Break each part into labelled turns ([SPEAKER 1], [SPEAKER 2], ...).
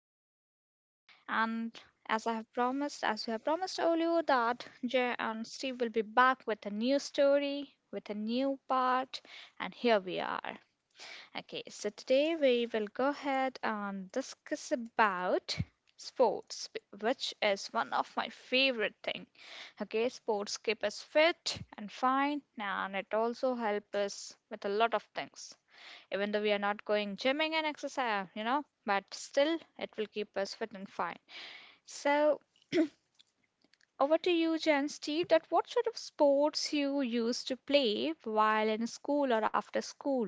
[SPEAKER 1] again. And as I have promised, as we have promised earlier, that Jay and Steve will be back with a new story, with a new part, and here we are. Okay, so today we will go ahead and discuss about sports, which is one of my favorite thing. Okay, sports keep us fit and fine, and it also help us with a lot of things even though we are not going gymming and exercise, but still it will keep us fit and fine. So over to you, Jen Steve, that what sort of sports you used to play while in school or after school,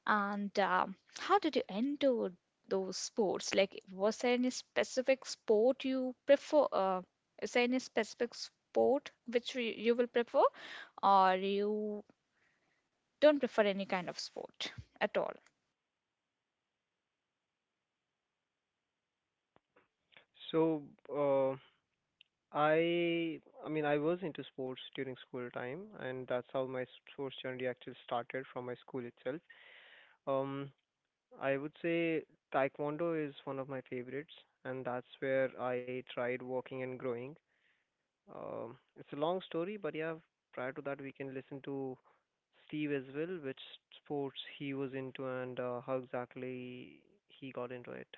[SPEAKER 1] and how did you endure those sports? Like, was there any specific sport you prefer? Is there any specific sport which you will prefer, or you don't prefer any kind of sport at all?
[SPEAKER 2] So, uh, I, I mean, I was into sports during school time, and that's how my sports journey actually started from my school itself. Um, I would say taekwondo is one of my favorites, and that's where I tried walking and growing. It's a long story, but yeah, prior to that, we can listen to Steve as well, which sports he was into and how exactly he got into it.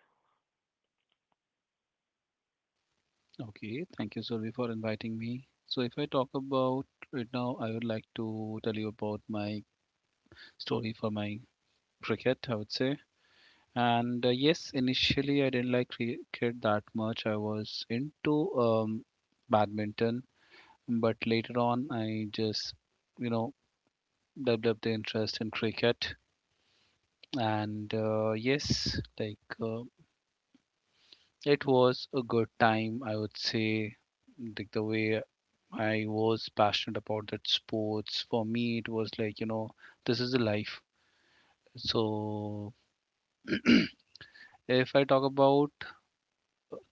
[SPEAKER 3] Okay, thank you, Survi, for inviting me. So, if I talk about right now, I would like to tell you about my story for my cricket, I would say. And yes, initially I didn't like cricket that much. I was into badminton, but later on I just, you know, developed the interest in cricket. And yes, like it was a good time, I would say, like the way I was passionate about that sports. For me, it was like this is the life. So if I talk about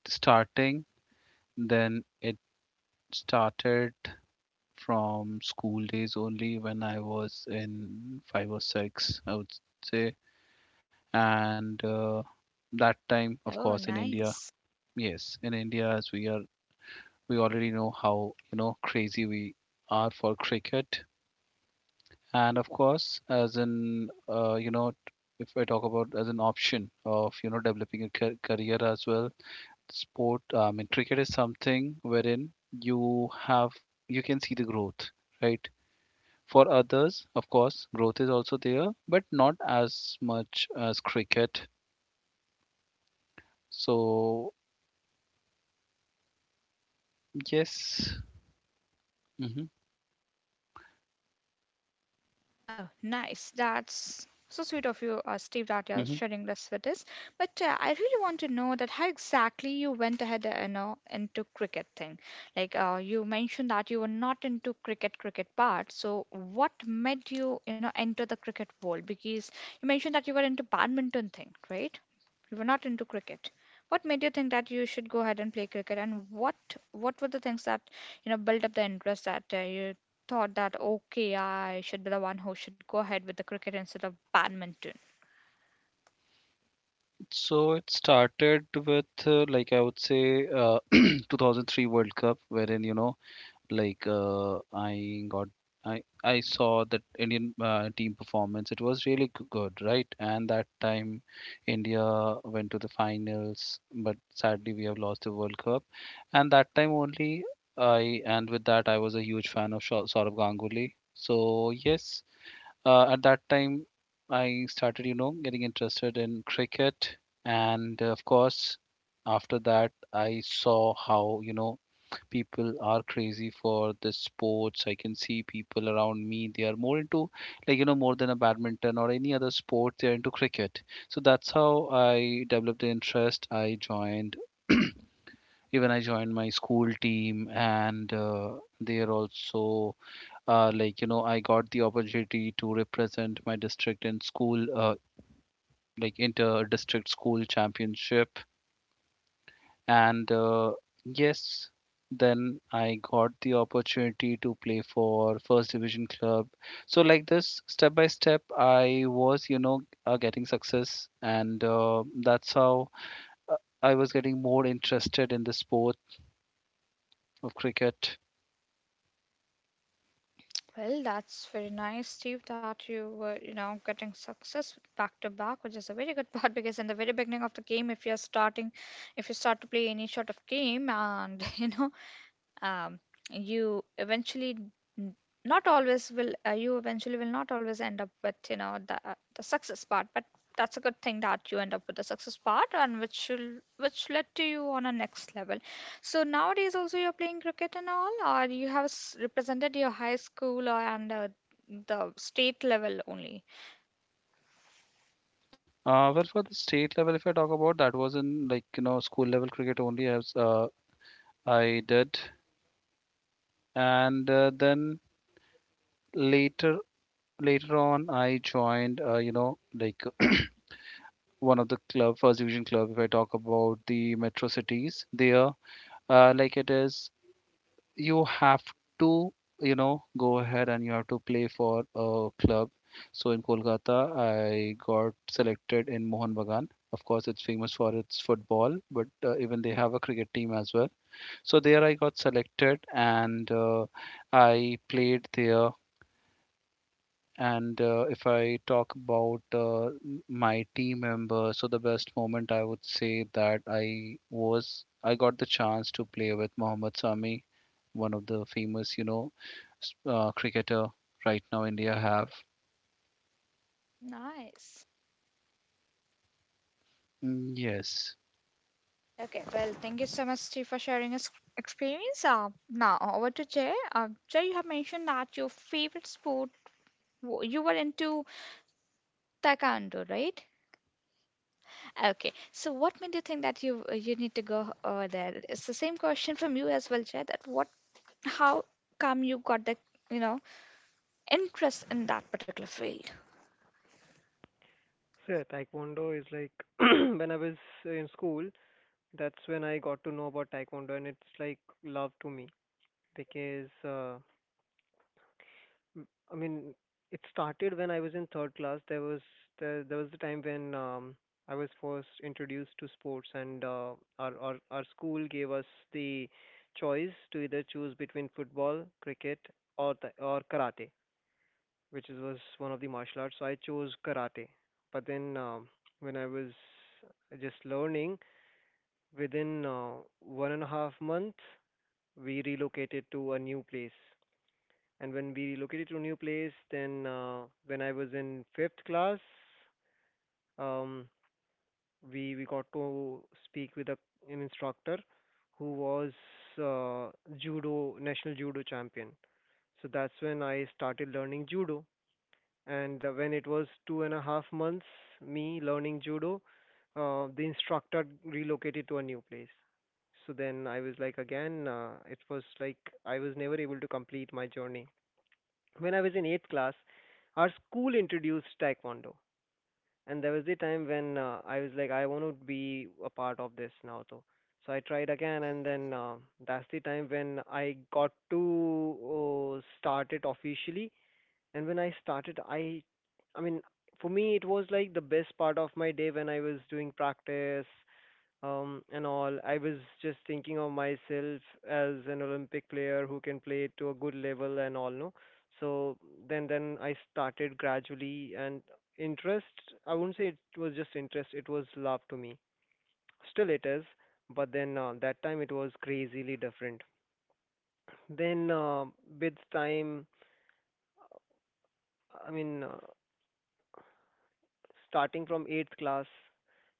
[SPEAKER 3] starting, then it started from school days only when I was in five or six, I would say. And that time, of
[SPEAKER 1] Oh,
[SPEAKER 3] course, in India,
[SPEAKER 1] nice.
[SPEAKER 3] yes, in India, as we are, we already know how crazy we are for cricket. And of course, as in you know t- if I talk about as an option of developing a career as well, sport, I mean cricket, is something wherein you have you can see the growth, right? For others, of course, growth is also there, but not as much as cricket. So yes. Hmm.
[SPEAKER 1] Oh, nice. That's so sweet of you, Steve, that you're
[SPEAKER 3] Hmm.
[SPEAKER 1] sharing this with us. But I really want to know that how exactly you went ahead, into cricket thing. Like you mentioned that you were not into cricket part. So what made you, you know, enter the cricket world? Because you mentioned that you were into badminton thing, right? You were not into cricket. What made you think that you should go ahead and play cricket, and what were the things that you know built up the interest that you thought that okay, I should be the one who should go ahead with the cricket instead of badminton?
[SPEAKER 3] So it started with like I would say, uh, 2003 World Cup wherein like I got I saw that Indian team performance. It was really good, right? And that time, India went to the finals, but sadly we have lost the World Cup. And that time only, I, and with that, I was a huge fan of Saurabh Ganguly. So yes, at that time I started getting interested in cricket, and of course after that I saw how people are crazy for the sports. I can see people around me, they are more into, more than a badminton or any other sport, they're into cricket. So that's how I developed the interest. I even I joined my school team, and they are also, I got the opportunity to represent my district in school, inter district school championship. And yes, then I got the opportunity to play for First Division club. So like this, step by step, I was, getting success, and that's how uh, I was getting more interested in the sport of cricket.
[SPEAKER 1] Well, that's very nice, Steve, that you were, you know, getting success back to back, which is a very good part because in the very beginning of the game, if you're starting, if you start to play any sort of game and, um, you eventually n- not always will you eventually will not always end up with you know the success part, but that's a good thing that you end up with the success part and which led to you on a next level. So nowadays also you're playing cricket and all, or you have represented your high school or and the state level only.
[SPEAKER 3] Well, for the state level, if I talk about, that was in, like, school level cricket only, as I did. And then, later later on I joined, like, one of the club, First Division club. If I talk about the metro cities, there, like it is, you have to, go ahead and you have to play for a club. So in Kolkata, I got selected in Mohun Bagan. Of course, it's famous for its football, but even they have a cricket team as well. So there I got selected, and I played there. And if I talk about my team member, so the best moment, I would say, that I got the chance to play with Mohammad Sami, one of the famous, cricketer right now India have.
[SPEAKER 1] Nice.
[SPEAKER 3] Mm. Yes.
[SPEAKER 1] Okay, well, thank you so much, Steve, for sharing your experience. Now, over to Jay. Jay, you have mentioned that your favorite sport you were into taekwondo, right? Okay. So what made you think that you need to go over there? It's the same question from you as well, Jay. That what, how come you got the you know interest in that particular field?
[SPEAKER 2] So yeah, taekwondo is like when I was in school, that's when I got to know about taekwondo, and it's like love to me because I mean it started when I was in third class. There was the time when I was first introduced to sports, and our school gave us the choice to either choose between football, cricket, or karate, was one of the martial arts. So I chose karate. But then when I was just learning, within 1.5 month, we relocated to a new place. And when we relocated to a new place, then when I was in fifth class, um, we got to speak with an instructor who was uh, judo national judo champion. So that's when I started learning judo. And when it was 2.5 months me learning judo, the instructor relocated to a new place. So then I was like, again, it was like I was never able to complete my journey. When I was in eighth class, our school introduced taekwondo, and there was the time when I was like, I want to be a part of this now, though. So I tried again, and then that's the time when I got to start it officially. And when I started, I mean, for me, it was like the best part of my day when I was doing practice and all. I was just thinking of myself as an Olympic player who can play to a good level and all, no? So then I started gradually. And interest, I wouldn't say it was just interest, it was love to me. Still it is, but then that time it was crazily different. Then With time, I mean, starting from eighth class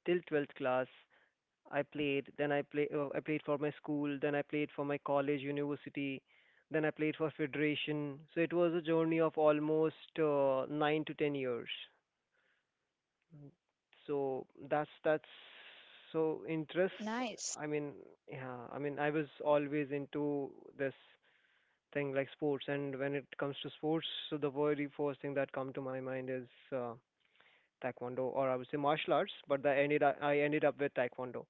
[SPEAKER 2] till 12th class, I played for my school, then I played for my college, university, then I played for federation. So it was a journey of almost 9 to 10 years. Mm. So that's so interest.
[SPEAKER 1] Nice.
[SPEAKER 2] I mean, yeah, I was always into this thing like sports, and when it comes to sports, so the very first thing that come to my mind is uh, taekwondo, or I would say martial arts. But I ended up with taekwondo.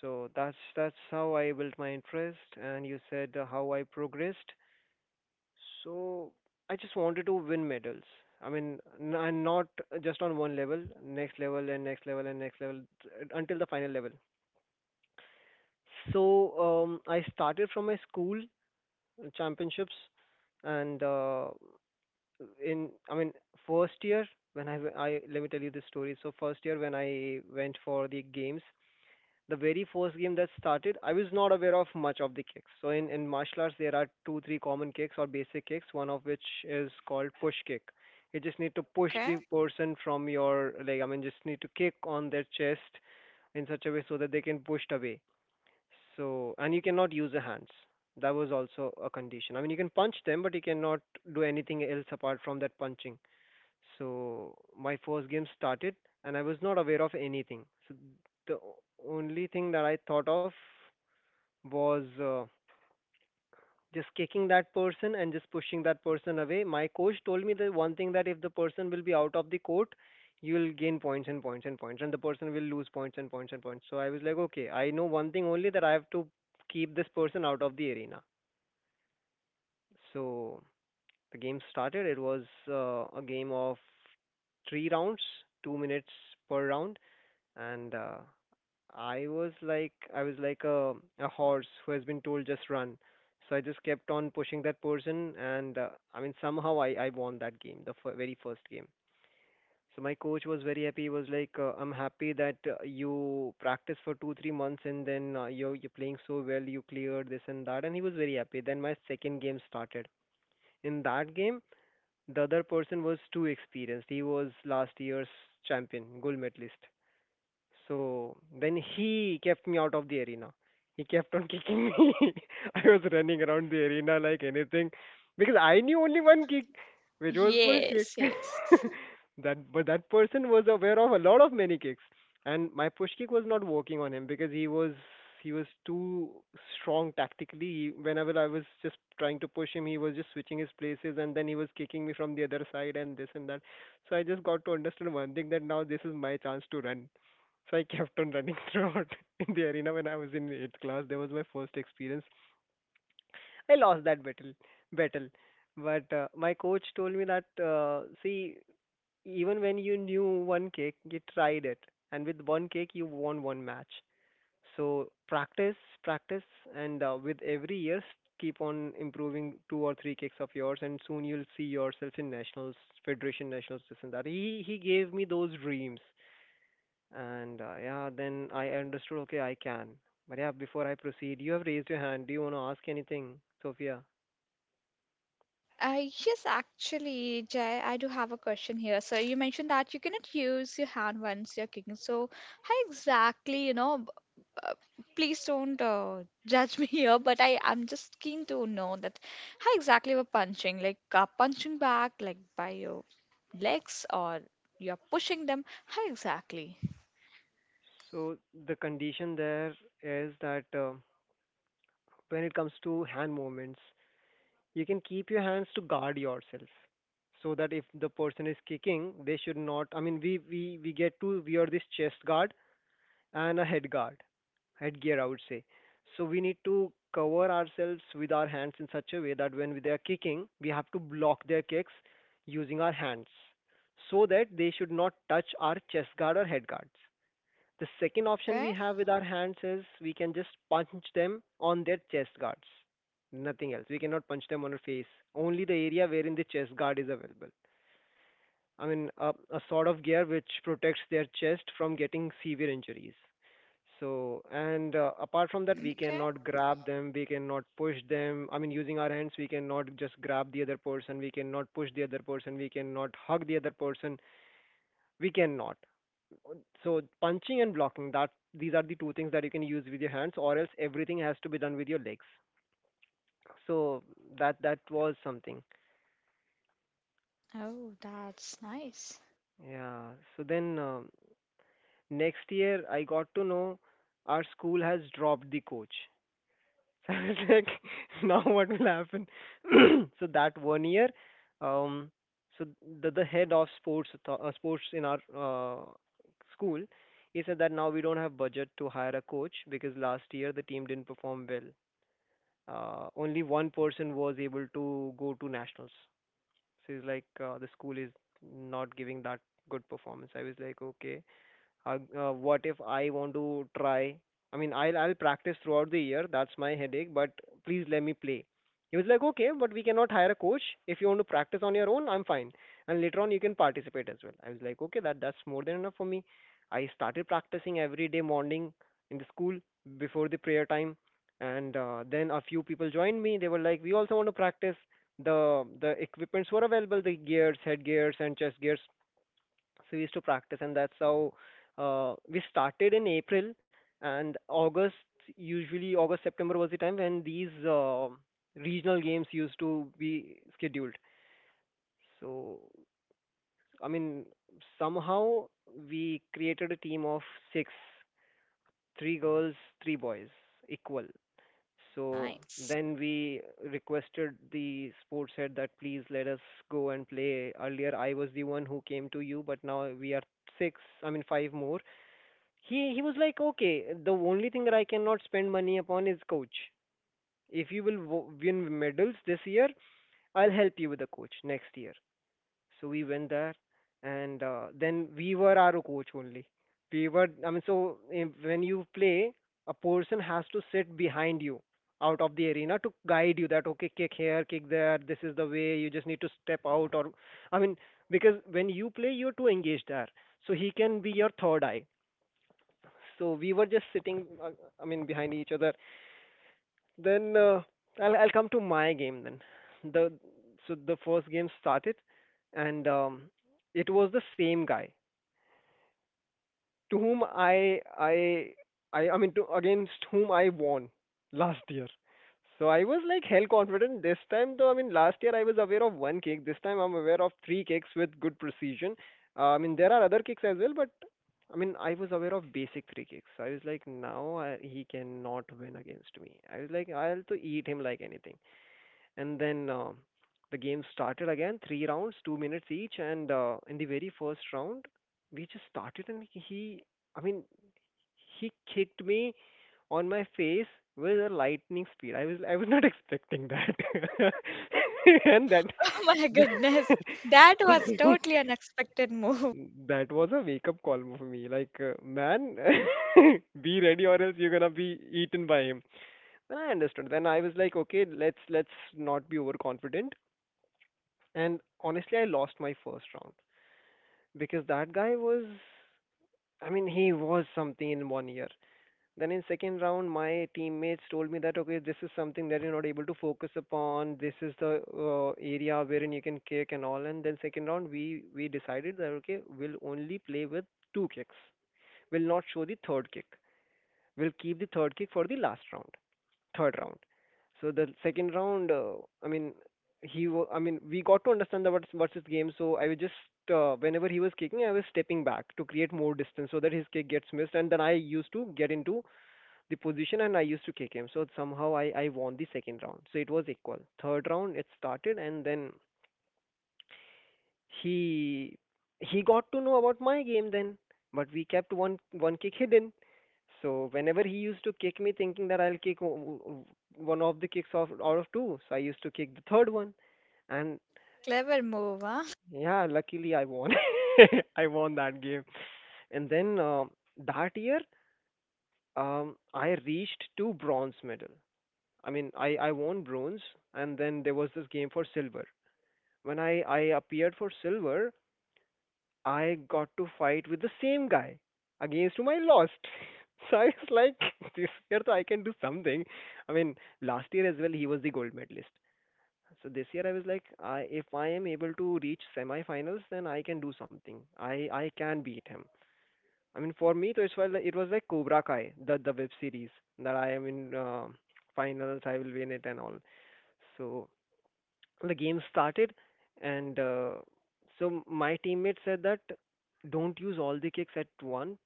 [SPEAKER 2] So that's how I built my interest, and you said how I progressed. So I just wanted to win medals. I mean, and not just on one level, next level and next level and next level until the final level. So I started from my school championships, and in I mean first year when I, let me tell you this story. So first year when I went for the games, the very first game that started, I was not aware of much of the kicks. So in martial arts, there are two, three common kicks or basic kicks, one of which is called push kick. You just need to push
[SPEAKER 1] Okay.
[SPEAKER 2] the person from your, like, I mean, just need to kick on their chest in such a way so that they can push it away. So and you cannot use the hands. That was also a condition. I mean, you can punch them, but you cannot do anything else apart from that punching. So my first game started, and I was not aware of anything. So the only thing that I thought of was just kicking that person and just pushing that person away. My coach told me the one thing that if the person will be out of the court, you will gain points and points and points, and the person will lose points and points and points. So I was like, okay, I know one thing only that I have to keep this person out of the arena. So the game started. It was a game of three rounds, 2 minutes per round, and I was like a horse who has been told just run. So I just kept on pushing that person, and I mean somehow I won that game, the very first game. So my coach was very happy. He was like, "I'm happy that you practice for 2, 3 months, and then you're playing so well. You cleared this and that." And he was very happy. Then my second game started. In that game, the other person was too experienced. He was last year's champion, gold medalist. So then he kept me out of the arena. He kept on kicking me. I was running around the arena like anything because I knew only one kick, which was push kick.
[SPEAKER 1] Yes. Yes.
[SPEAKER 2] that But that person was aware of a lot of many kicks, and my push kick was not working on him because he was too strong tactically. Whenever I was just trying to push him, he was just switching his places, and then he was kicking me from the other side and this and that. So I just got to understand one thing that now this is my chance to run. So I kept on running throughout in the arena when I was in eighth class. That was my first experience. I lost that battle, but my coach told me that see, even when you knew one kick, you tried it, and with one kick you won one match. So practice, practice, and with every year keep on improving two or three kicks of yours, and soon you'll see yourself in nationals, federation nationals, this and that. He gave me those dreams, and yeah, then I understood, okay, I can. But yeah, before I proceed, you have raised your hand. Do you want to ask anything, Sophia?
[SPEAKER 1] Yes, actually, Jay, I do have a question here. So you mentioned that you cannot use your hand once you're cooking. So how exactly, you know, please don't judge me here, but I'm just keen to know that how exactly we're punching, like punching back, like by your legs or you're pushing them. How exactly?
[SPEAKER 2] So the condition there is that when it comes to hand movements, you can keep your hands to guard yourself. So that if the person is kicking, they should not. I mean, we get to wear this chest guard and a headguard, headgear, I would say. So we need to cover ourselves with our hands in such a way that when they are kicking, we have to block their kicks using our hands so that they should not touch our chest guard or head guards. The second option
[SPEAKER 1] Okay,
[SPEAKER 2] we have with our hands is we can just punch them on their chest guards. Nothing else. We cannot punch them on our face. Only the area wherein the chest guard is available. I mean, a sort of gear which protects their chest from getting severe injuries. So, and apart from that, we
[SPEAKER 1] okay.
[SPEAKER 2] cannot grab them, we cannot push them. I mean, using our hands, we cannot just grab the other person, we cannot push the other person, we cannot hug the other person, we cannot. So, punching and blocking, that these are the two things that you can use with your hands, or else everything has to be done with your legs. So, that was something.
[SPEAKER 1] Oh, that's nice.
[SPEAKER 2] Yeah. So next year, I got to know our school has dropped the coach. So I was like, now what will happen? So that one year, um, so the head of sports in our school, he said that now we don't have budget to hire a coach because last year the team didn't perform well. Only one person was able to go to nationals. So he's like, the school is not giving that good performance. I was like, okay. What if I want to try? I mean, I'll practice throughout the year. That's my headache. But please let me play. He was like, okay, but we cannot hire a coach. If you want to practice on your own, I'm fine. And later on, you can participate as well. I was like, okay, that's more than enough for me. I started practicing every day morning in the school before the prayer time, and then a few people joined me. They were like, we also want to practice. The equipments were available, the gears, head gears, and chest gears, so we used to practice, and that's how we started in April and August. Usually, August September was the time when these regional games used to be scheduled. So, I mean, somehow we created a team of six, three girls, three boys, equal. So
[SPEAKER 1] Nice.
[SPEAKER 2] then we requested the sports head that please let us go and play. Earlier I was the one who came to you, but now we are six, I mean, five more. He was like, okay, the only thing that I cannot spend money upon is coach. If you will win medals this year, I'll help you with the coach next year. So we went there, and then we were our coach only. We were, I mean, so when you play, a person has to sit behind you out of the arena to guide you that okay, kick here, kick there. This is the way. You just need to step out, or I mean, because when you play, you're too engaged there. So he can be your third eye, so we were just sitting, I mean, behind each other. Then I'll come to my game then. The So the first game started, and it was the same guy to whom I mean to against whom I won last year. So I was like hell confident this time though. I mean, last year I was aware of one kick. This time I'm aware of three kicks with good precision. I mean, there are other kicks as well, but I mean, I was aware of basic free kicks. I was like, he cannot win against me. I was like, I'll to eat him like anything. And then the game started again, three rounds, 2 minutes each. And in the very first round, we just started, and he, I mean, he kicked me on my face with a lightning speed. I was not expecting that. And that
[SPEAKER 1] Oh my goodness. That was totally unexpected move.
[SPEAKER 2] that was a wake-up call for me. Like, man, be ready or else you're gonna be eaten by him. Then I understood. Then I was like, okay, let's not be overconfident. And honestly, I lost my first round because that guy was, I mean, he was something in one year. Then in second round, my teammates told me that okay, this is something that you're not able to focus upon. This is the area wherein you can kick and all. And then second round, we decided that okay, we'll only play with two kicks, will not show the third kick. We'll keep the third kick for the last round, third round. So the second round, I mean, I mean, we got to understand the what's his game. So I was just whenever he was kicking, I was stepping back to create more distance so that his kick gets missed, and then I used to get into the position and I used to kick him. So somehow I won the second round. So it was equal. Third round it started, and then he he got to know about my game then, but we kept one kick hidden. So whenever he used to kick me, thinking that I'll kick o- one of the kicks off out of two, so I used to kick the third one, and
[SPEAKER 1] Clever move, huh?
[SPEAKER 2] yeah, luckily I won. I won that game, and then that year, I reached two bronze medal. I mean, I won bronze, and then there was this game for silver. When I appeared for silver, I got to fight with the same guy against whom I lost. So I was like, this year so I can do something. I mean, last year as well he was the gold medalist. So this year I was like, I if I am able to reach semi-finals, then I can do something. I can beat him. I mean, for me, so it's well, it was like Cobra Kai, the web series, that I am in finals, I will win it and all. So the game started, and so my teammate said that don't use all the kicks at one,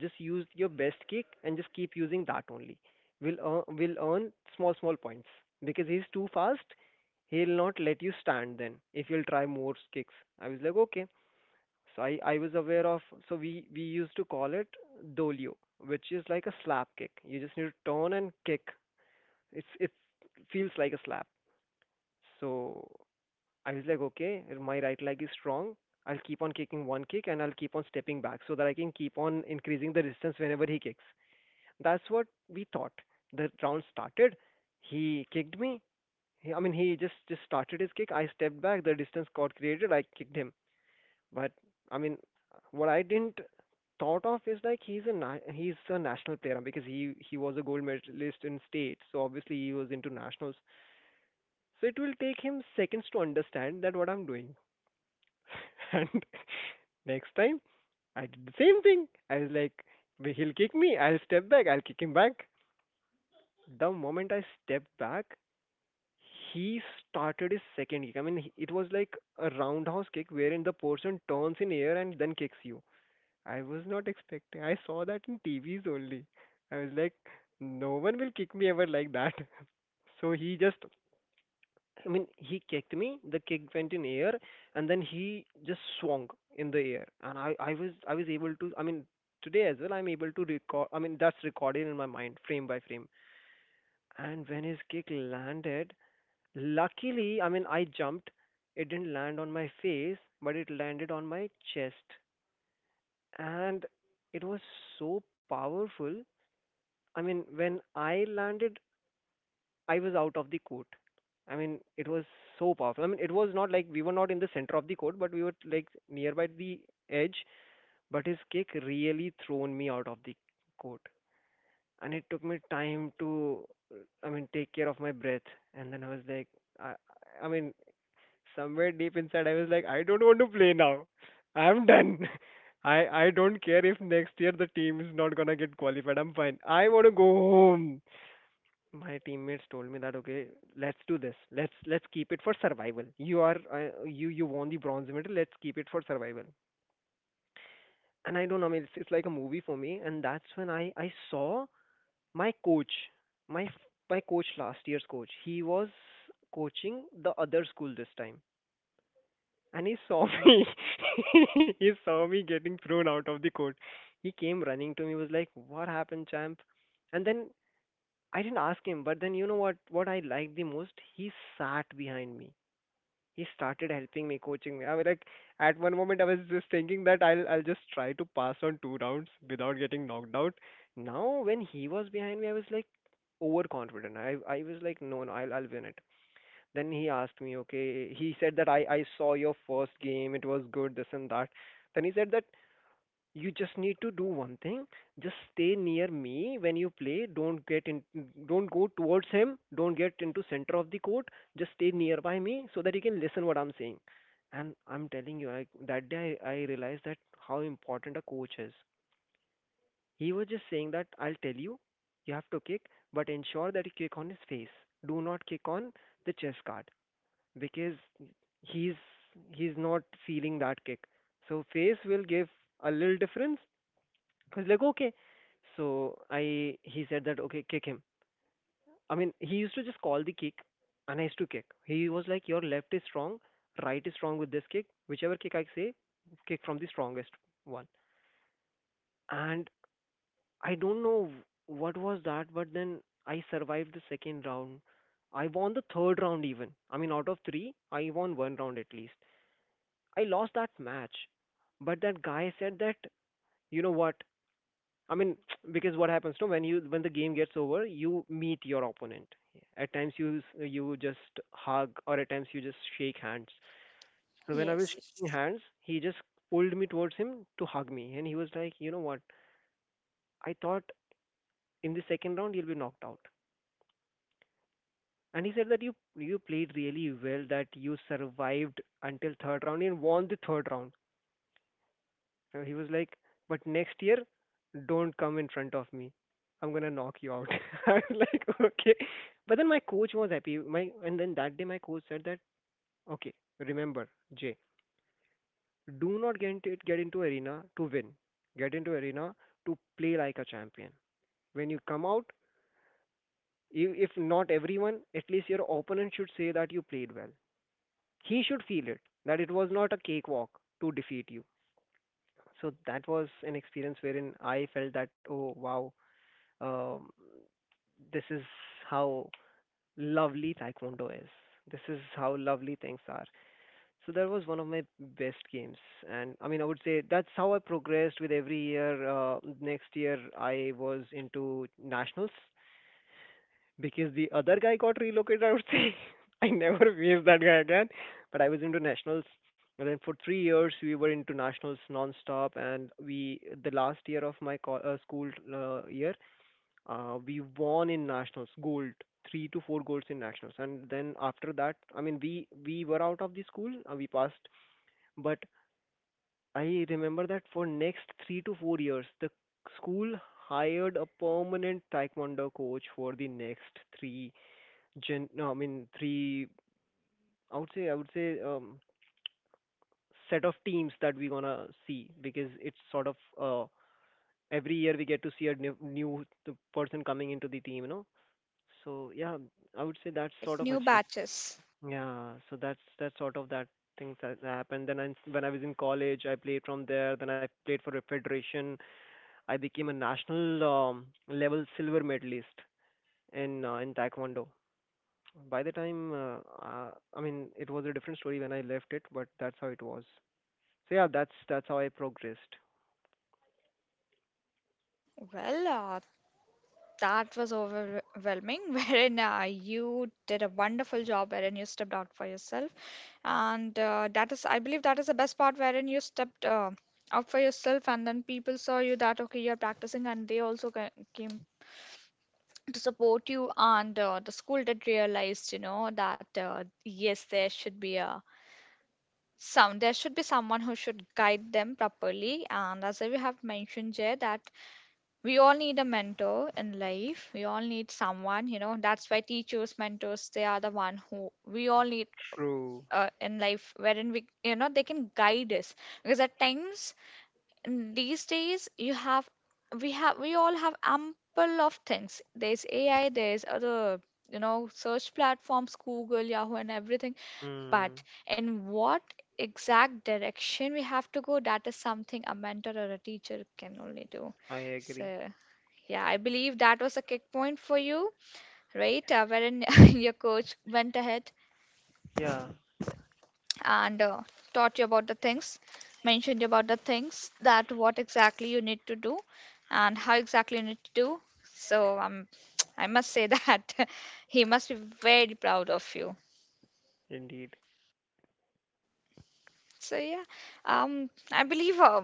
[SPEAKER 2] just use your best kick and just keep using that only. We'll earn, we'll earn small small points because he's too fast. He'll not let you stand then if you'll try more kicks. I was like, okay. So I was aware of, so we used to call it dolio, which is like a slap kick. You just need to turn and kick. It feels like a slap. So I was like, okay, my right leg is strong. I'll keep on kicking one kick and I'll keep on stepping back so that I can keep on increasing the distance whenever he kicks. That's what we thought. The round started. He kicked me. He, I mean, he just started his kick. I stepped back. The distance got created. I kicked him. But I mean, what I didn't thought of is like he's a national player because he was a gold medalist in state. So obviously he was into nationals. So it will take him seconds to understand that what I'm doing. And next time I did the same thing. I was like, He'll kick me. I'll step back. I'll kick him back." The moment I stepped back, he started his second kick. I mean, it was like a roundhouse kick wherein the person turns in air and then kicks you. I was not expecting. I saw that in TVs only. I was like, no one will kick me ever like that. So he just I mean, he kicked me. The kick went in air, and then he just swung in the air, and I was able to. I mean, today as well, I'm able to record. I mean, that's recorded in my mind, frame by frame. And when his kick landed, luckily, I mean, I jumped. It didn't land on my face, but it landed on my chest, and it was so powerful. I mean, when I landed, I was out of the court. I mean, it was so powerful. I mean, it was not like we were not in the center of the court, but we were like nearby the edge. But his kick really thrown me out of the court, and it took me time to, I mean, take care of my breath. And then I was like, I, I mean, somewhere deep inside, I was like, I don't want to play now. I'm done. I don't care if next year the team is not gonna get qualified. I'm fine. I want to go home. My teammates told me that, okay, let's do this. Let's keep it for survival. You are uh, you you won the bronze medal. Let's keep it for survival. And I don't know, I mean, it's like a movie for me. And that's when I saw my coach, my coach, last year's coach. He was coaching the other school this time, and he saw me he saw me getting thrown out of the court. He came running to me, was like, what happened, champ? And then I didn't ask him, but then you know what? What I liked the most, he sat behind me. He started helping me, coaching me. I was like, at one moment, I was just thinking that I'll just try to pass on two rounds without getting knocked out. Now, when he was behind me, I was like overconfident. I was like, no, no, I'll win it. Then he asked me, okay. He said that I saw your first game. It was good, this and that. Then he said that you just need to do one thing. Just stay near me when you play. Don't get in, don't go towards him, don't get into center of the court. Just stay nearby me so that you can listen what I'm saying. And I'm telling you, that day I realized that how important a coach is. He was just saying that I'll tell you, you have to kick, but ensure that you kick on his face. Do not kick on the chest guard because he's he's not feeling that kick. So face will give a little difference. I was like, okay. So I he said that okay, kick him. I mean, he used to just call the kick, and I used to kick. He was like, your left is strong, right is strong with this kick. Whichever kick I say, kick from the strongest one. And I don't know what was that, but then I survived the second round. I won the third round even. I mean, out of three, I won one round at least. I lost that match, but that guy said that, you know what, I mean, because what happens, no, when the game gets over, you meet your opponent. At times you you just hug, or at times you just shake hands. So when I was
[SPEAKER 1] Yes, yes,
[SPEAKER 2] shaking hands, he just pulled me towards him to hug me, and he was like, you know what? I thought in the second round you'll be knocked out. And he said that you played really well, that you survived until third round and won the third round. So he was like, but next year, don't come in front of me. I'm gonna knock you out. I was like, okay. But then my coach was happy. My and then that day my coach said that, okay, remember, Jay, do not get into arena to win. Get into arena to play like a champion. When you come out, you, if not everyone, at least your opponent should say that you played well. He should feel it, that it was not a cakewalk to defeat you. So that was an experience wherein I felt that, oh wow, um, this is how lovely taekwondo is, this is how lovely things are. So that was one of my best games. And I would say that's how I progressed with every year. Next year I was into nationals because the other guy got relocated, I would say. I never faced that guy again, but I was into nationals, and then for three years we were into nationals non-stop. And we the last year of my school year, we won in nationals, gold, three to four golds in nationals. And then after that, I mean, we were out of the school, we passed, but I remember that for next three to four years, the school hired a permanent taekwondo coach for the next three gen. No, I mean three, I would say. Set of teams that we're gonna see, because it's sort of, every year we get to see a new, new person coming into the team, you know. So yeah, I would say that's
[SPEAKER 1] correct.
[SPEAKER 2] sort of
[SPEAKER 1] New
[SPEAKER 2] achieved.
[SPEAKER 1] batches.
[SPEAKER 2] Yeah, so that's sort of that things that happened. Then I, when I was in college, I played from there. Then I played for a federation. I became a national level silver medalist in taekwondo. By the time, I mean, it was a different story when I left it, but that's how it was. So yeah, that's how I progressed.
[SPEAKER 1] Well, that was overwhelming, wherein you did a wonderful job, wherein you stepped out for yourself. And that is, I believe, that is the best part, wherein you stepped out for yourself, and then people saw you that, okay, you're practicing, and they also came to support you. And the school did realize, you know, that yes, there should be a some there should be someone who should guide them properly. And as we have mentioned, Jay, that we all need a mentor in life. We all need someone, you know. That's why teachers, mentors, they are the one who we all need
[SPEAKER 2] True.
[SPEAKER 1] in life, wherein we, you know, they can guide us. Because at times, in these days, we have, we all have ample of things. There's AI, there's other, you know, search platforms, Google, Yahoo, and everything,
[SPEAKER 2] Mm.
[SPEAKER 1] but in what exact direction we have to go, that is something a mentor or a teacher can only do.
[SPEAKER 2] I agree.
[SPEAKER 1] So, yeah, I believe that was a kick point for you, right? Wherein your coach went ahead
[SPEAKER 2] Yeah,
[SPEAKER 1] and taught you about the things, mentioned you about the things that what exactly you need to do and how exactly you need to do. So, I must say that he must be very proud of you.
[SPEAKER 2] indeed.
[SPEAKER 1] So, yeah, I believe. Uh,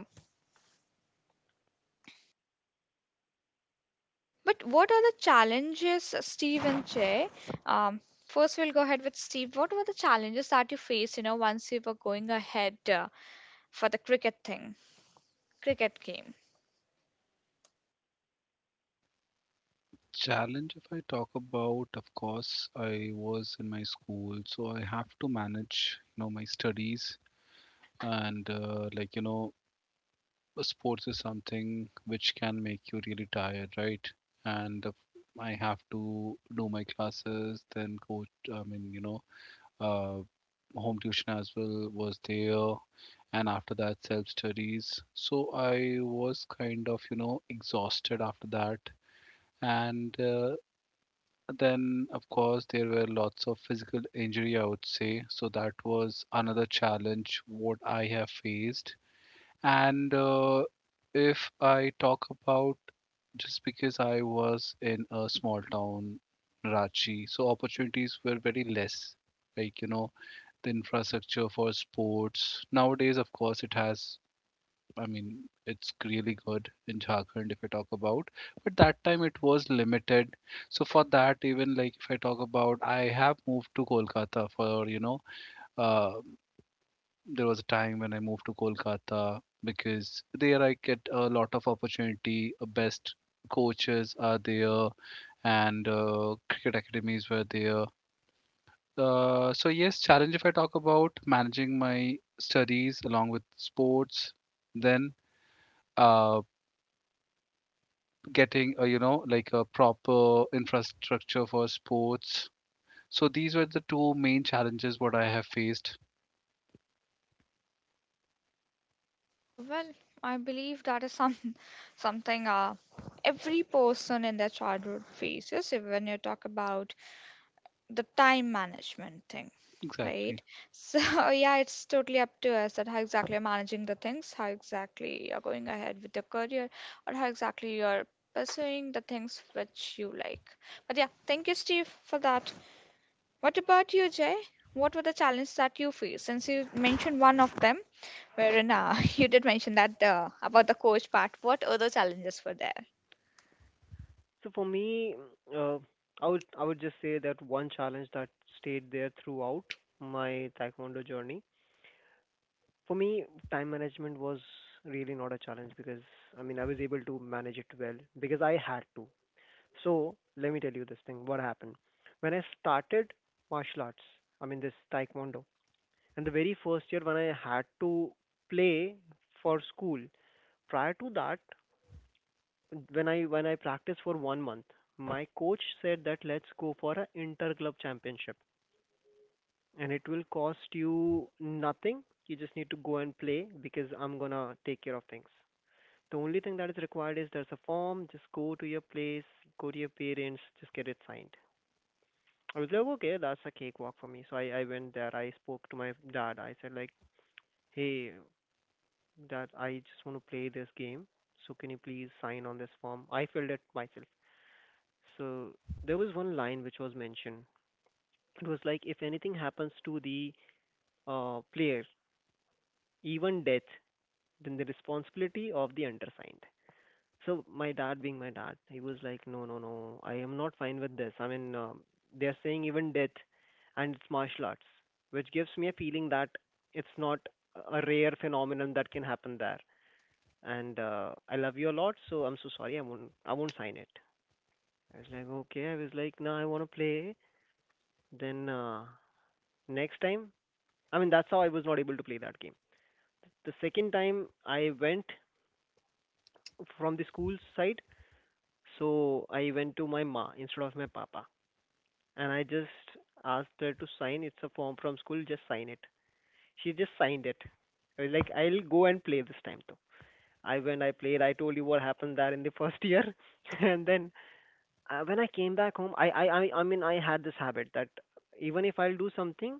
[SPEAKER 1] But what are the challenges, Steve and Jay? Um, First, we'll go ahead with Steve. What were the challenges that you faced, you know, once you were going ahead for the cricket thing, cricket game?
[SPEAKER 3] Challenge, if I talk about, of course, I was in my school, so I have to manage my studies, and sports is something which can make you really tired, right? And I have to do my classes, then coach. I mean, uh, home tuition as well was there, and after that, self studies. So I was kind of exhausted after that, and then of course there were lots of physical injury, I would say. So that was another challenge what I have faced. And if I talk about, just because I was in a small town, Ranchi, so opportunities were very less. Like, the infrastructure for sports. Nowadays, of course, it has, I mean, it's really good in Jharkhand if I talk about, but that time it was limited. So for that, even like if I talk about, I have moved to Kolkata for, uh, there was a time when I moved to Kolkata because there I get a lot of opportunity. Best coaches are there, and cricket academies were there. So yes, challenge if I talk about, managing my studies along with sports, then uh, getting a, like, a proper infrastructure for sports. So these were the two main challenges what I have faced.
[SPEAKER 1] Oh, well, I believe that is some something every person in their childhood faces. If- When you talk about the time management thing, right?
[SPEAKER 3] Exactly.
[SPEAKER 1] So yeah, it's totally up to us that how exactly you're managing the things, how exactly you're going ahead with your career, or how exactly you're pursuing the things which you like. But yeah, thank you, Steve, for that. What about you, Jay? What were the challenges that you faced? Since you mentioned one of them, wherein you did mention that about the coach part, what other challenges were there?
[SPEAKER 2] So for me, uh, I would just say that one challenge that stayed there throughout my taekwondo journey. For me, time management was really not a challenge, because I mean I was able to manage it well because I had to. So let me tell you this thing. What happened when I started martial arts? I mean this taekwondo. And the very first year when I had to play for school. Prior to that, when I practiced for one month, my coach said that let's go for an inter club championship, and it will cost you nothing. You just need to go and play because I'm gonna take care of things. The only thing that is required is there's a form. Just go to your place, go to your parents, just get it signed. I was like, okay, that's a cakewalk for me. So I went there. I spoke to my dad. I said like, hey, dad, I just want to play this game. So can you please sign on this form? I filled it myself. So there was one line which was mentioned. It was like, if anything happens to the player, even death, then the responsibility of the undersigned. So my dad, being my dad, he was like, no, no, no, I am not fine with this. I mean, they are saying even death, and it's martial arts, which gives me a feeling that it's not a rare phenomenon that can happen there. And I love you a lot, so I'm so sorry. I won't sign it. I was like, okay. I was like, no, I want to play. Then next time, I mean, that's how I was not able to play that game. The second time I went from the school side, so I went to my ma instead of my papa, and I just asked her to sign. It's a form from school, just sign it. She just signed it. I was like, I'll go and play this time though. I went, I played, I told you what happened there in the first year, and then when I came back home, I had this habit that even if I'll do something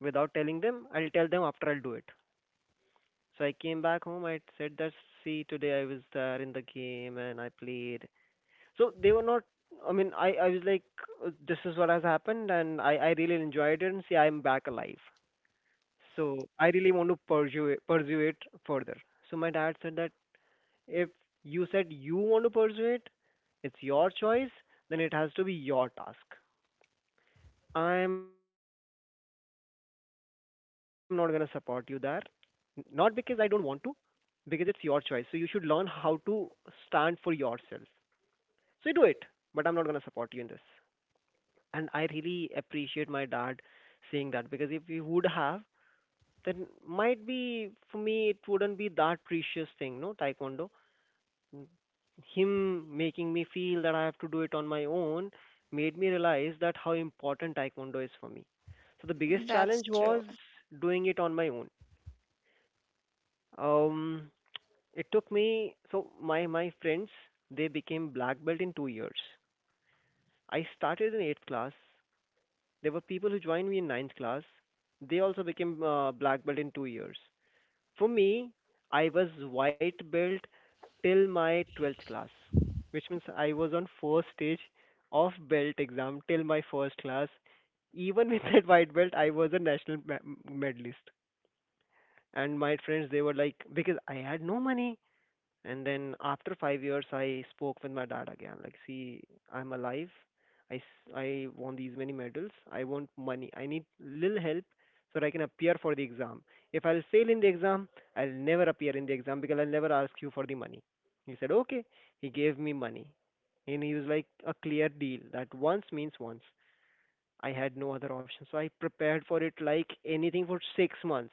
[SPEAKER 2] without telling them, I'll tell them after I'll do it. So I came back home. I said that, see, today I was there in the game and I played. So they were not. I was like, this is what has happened, and I really enjoyed it, and see, I'm back alive. So I really want to pursue it, further." So my dad said that, if you said you want to pursue it, it's your choice, then it has to be your task. I am not gonna support you there. Not because I don't want to, because it's your choice. So you should learn how to stand for yourself. So you do it, but I'm not gonna support you in this. And I really appreciate my dad saying that, because if he would have, then might be for me it wouldn't be that precious thing, no, taekwondo. Mm. Him making me feel that I have to do it on my own made me realize that how important taekwondo is for me. So the biggest
[SPEAKER 1] That's
[SPEAKER 2] challenge
[SPEAKER 1] true.
[SPEAKER 2] was doing it on my own. Um, It took me, so my friends, they became black belt in 2 years. I started in 8th class. There were people who joined me in ninth class. They also became black belt in 2 years. For me, I was white belt till my 12th class, which means I was on first stage of belt exam till my first class. Even with that white belt, I was a national medalist. And my friends, they were like, because I had no money. And then after five years, I spoke with my dad again. Like, see, I'm alive. I won these many medals. I want money. I need little help so that I can appear for the exam. If I'll fail in the exam, I'll never appear in the exam, because I'll never ask you for the money. He said, okay. He gave me money. And he was like a clear deal that once means once. I had no other option. So I prepared for it like anything for six months.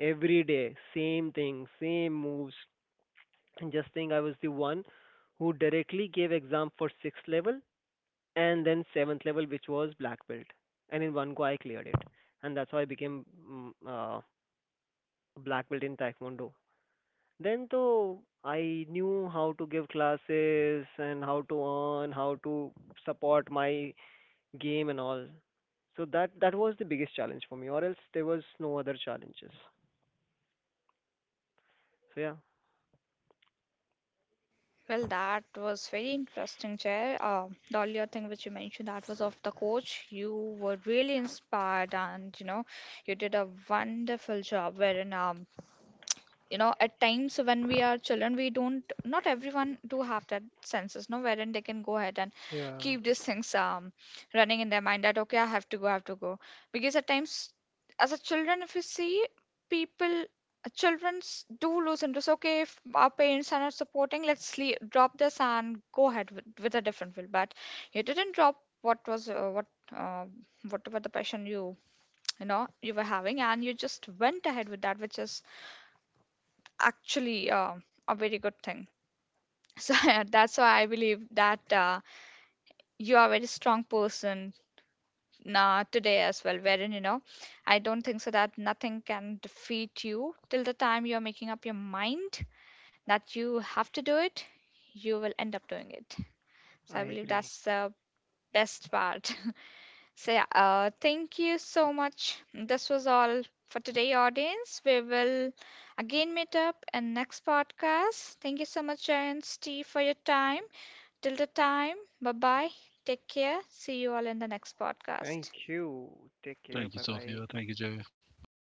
[SPEAKER 2] Every day, same thing, same moves, and just think, I was the one who directly gave exam for sixth level and then seventh level, which was black belt. And in one go, I cleared it. And that's how I became black belt in taekwondo. Then though I knew how to give classes and how to earn, how to support my game and all. So that, that was the biggest challenge for me. Or else there was no other challenges. So yeah.
[SPEAKER 1] Well, that was very interesting, Chair. The earlier thing which you mentioned, that was of the coach. You were really inspired, and you know, you did a wonderful job. Wherein you know at times when we are children we don't not everyone do have that senses no wherein they can go ahead and
[SPEAKER 2] Yeah,
[SPEAKER 1] keep these things running in their mind that okay I have to go I have to go, because at times as a children if you see people children do lose interest. Okay, if our parents are not supporting let's sleep, drop this and go ahead with a different field, but you didn't drop what was uh, whatever the passion you you know you were having and you just went ahead with that, which is actually a very good thing. So that's why I believe that you are a very strong person today as well. Wherein you know, I don't think so that nothing can defeat you till the time you are making up your mind that you have to do it. You will end up doing it. So
[SPEAKER 2] I
[SPEAKER 1] I believe
[SPEAKER 2] agree.
[SPEAKER 1] that's the best part. So, yeah, thank you so much. This was all for today, audience. We will again meet up in next podcast. Thank you so much, Jay and Steve, for your time. Till the time, bye bye. Take care. See you all in the next podcast.
[SPEAKER 2] Thank you. Take care.
[SPEAKER 3] Thank you,
[SPEAKER 2] Bye bye.
[SPEAKER 3] Sophia. Thank you, Jay. Bye bye.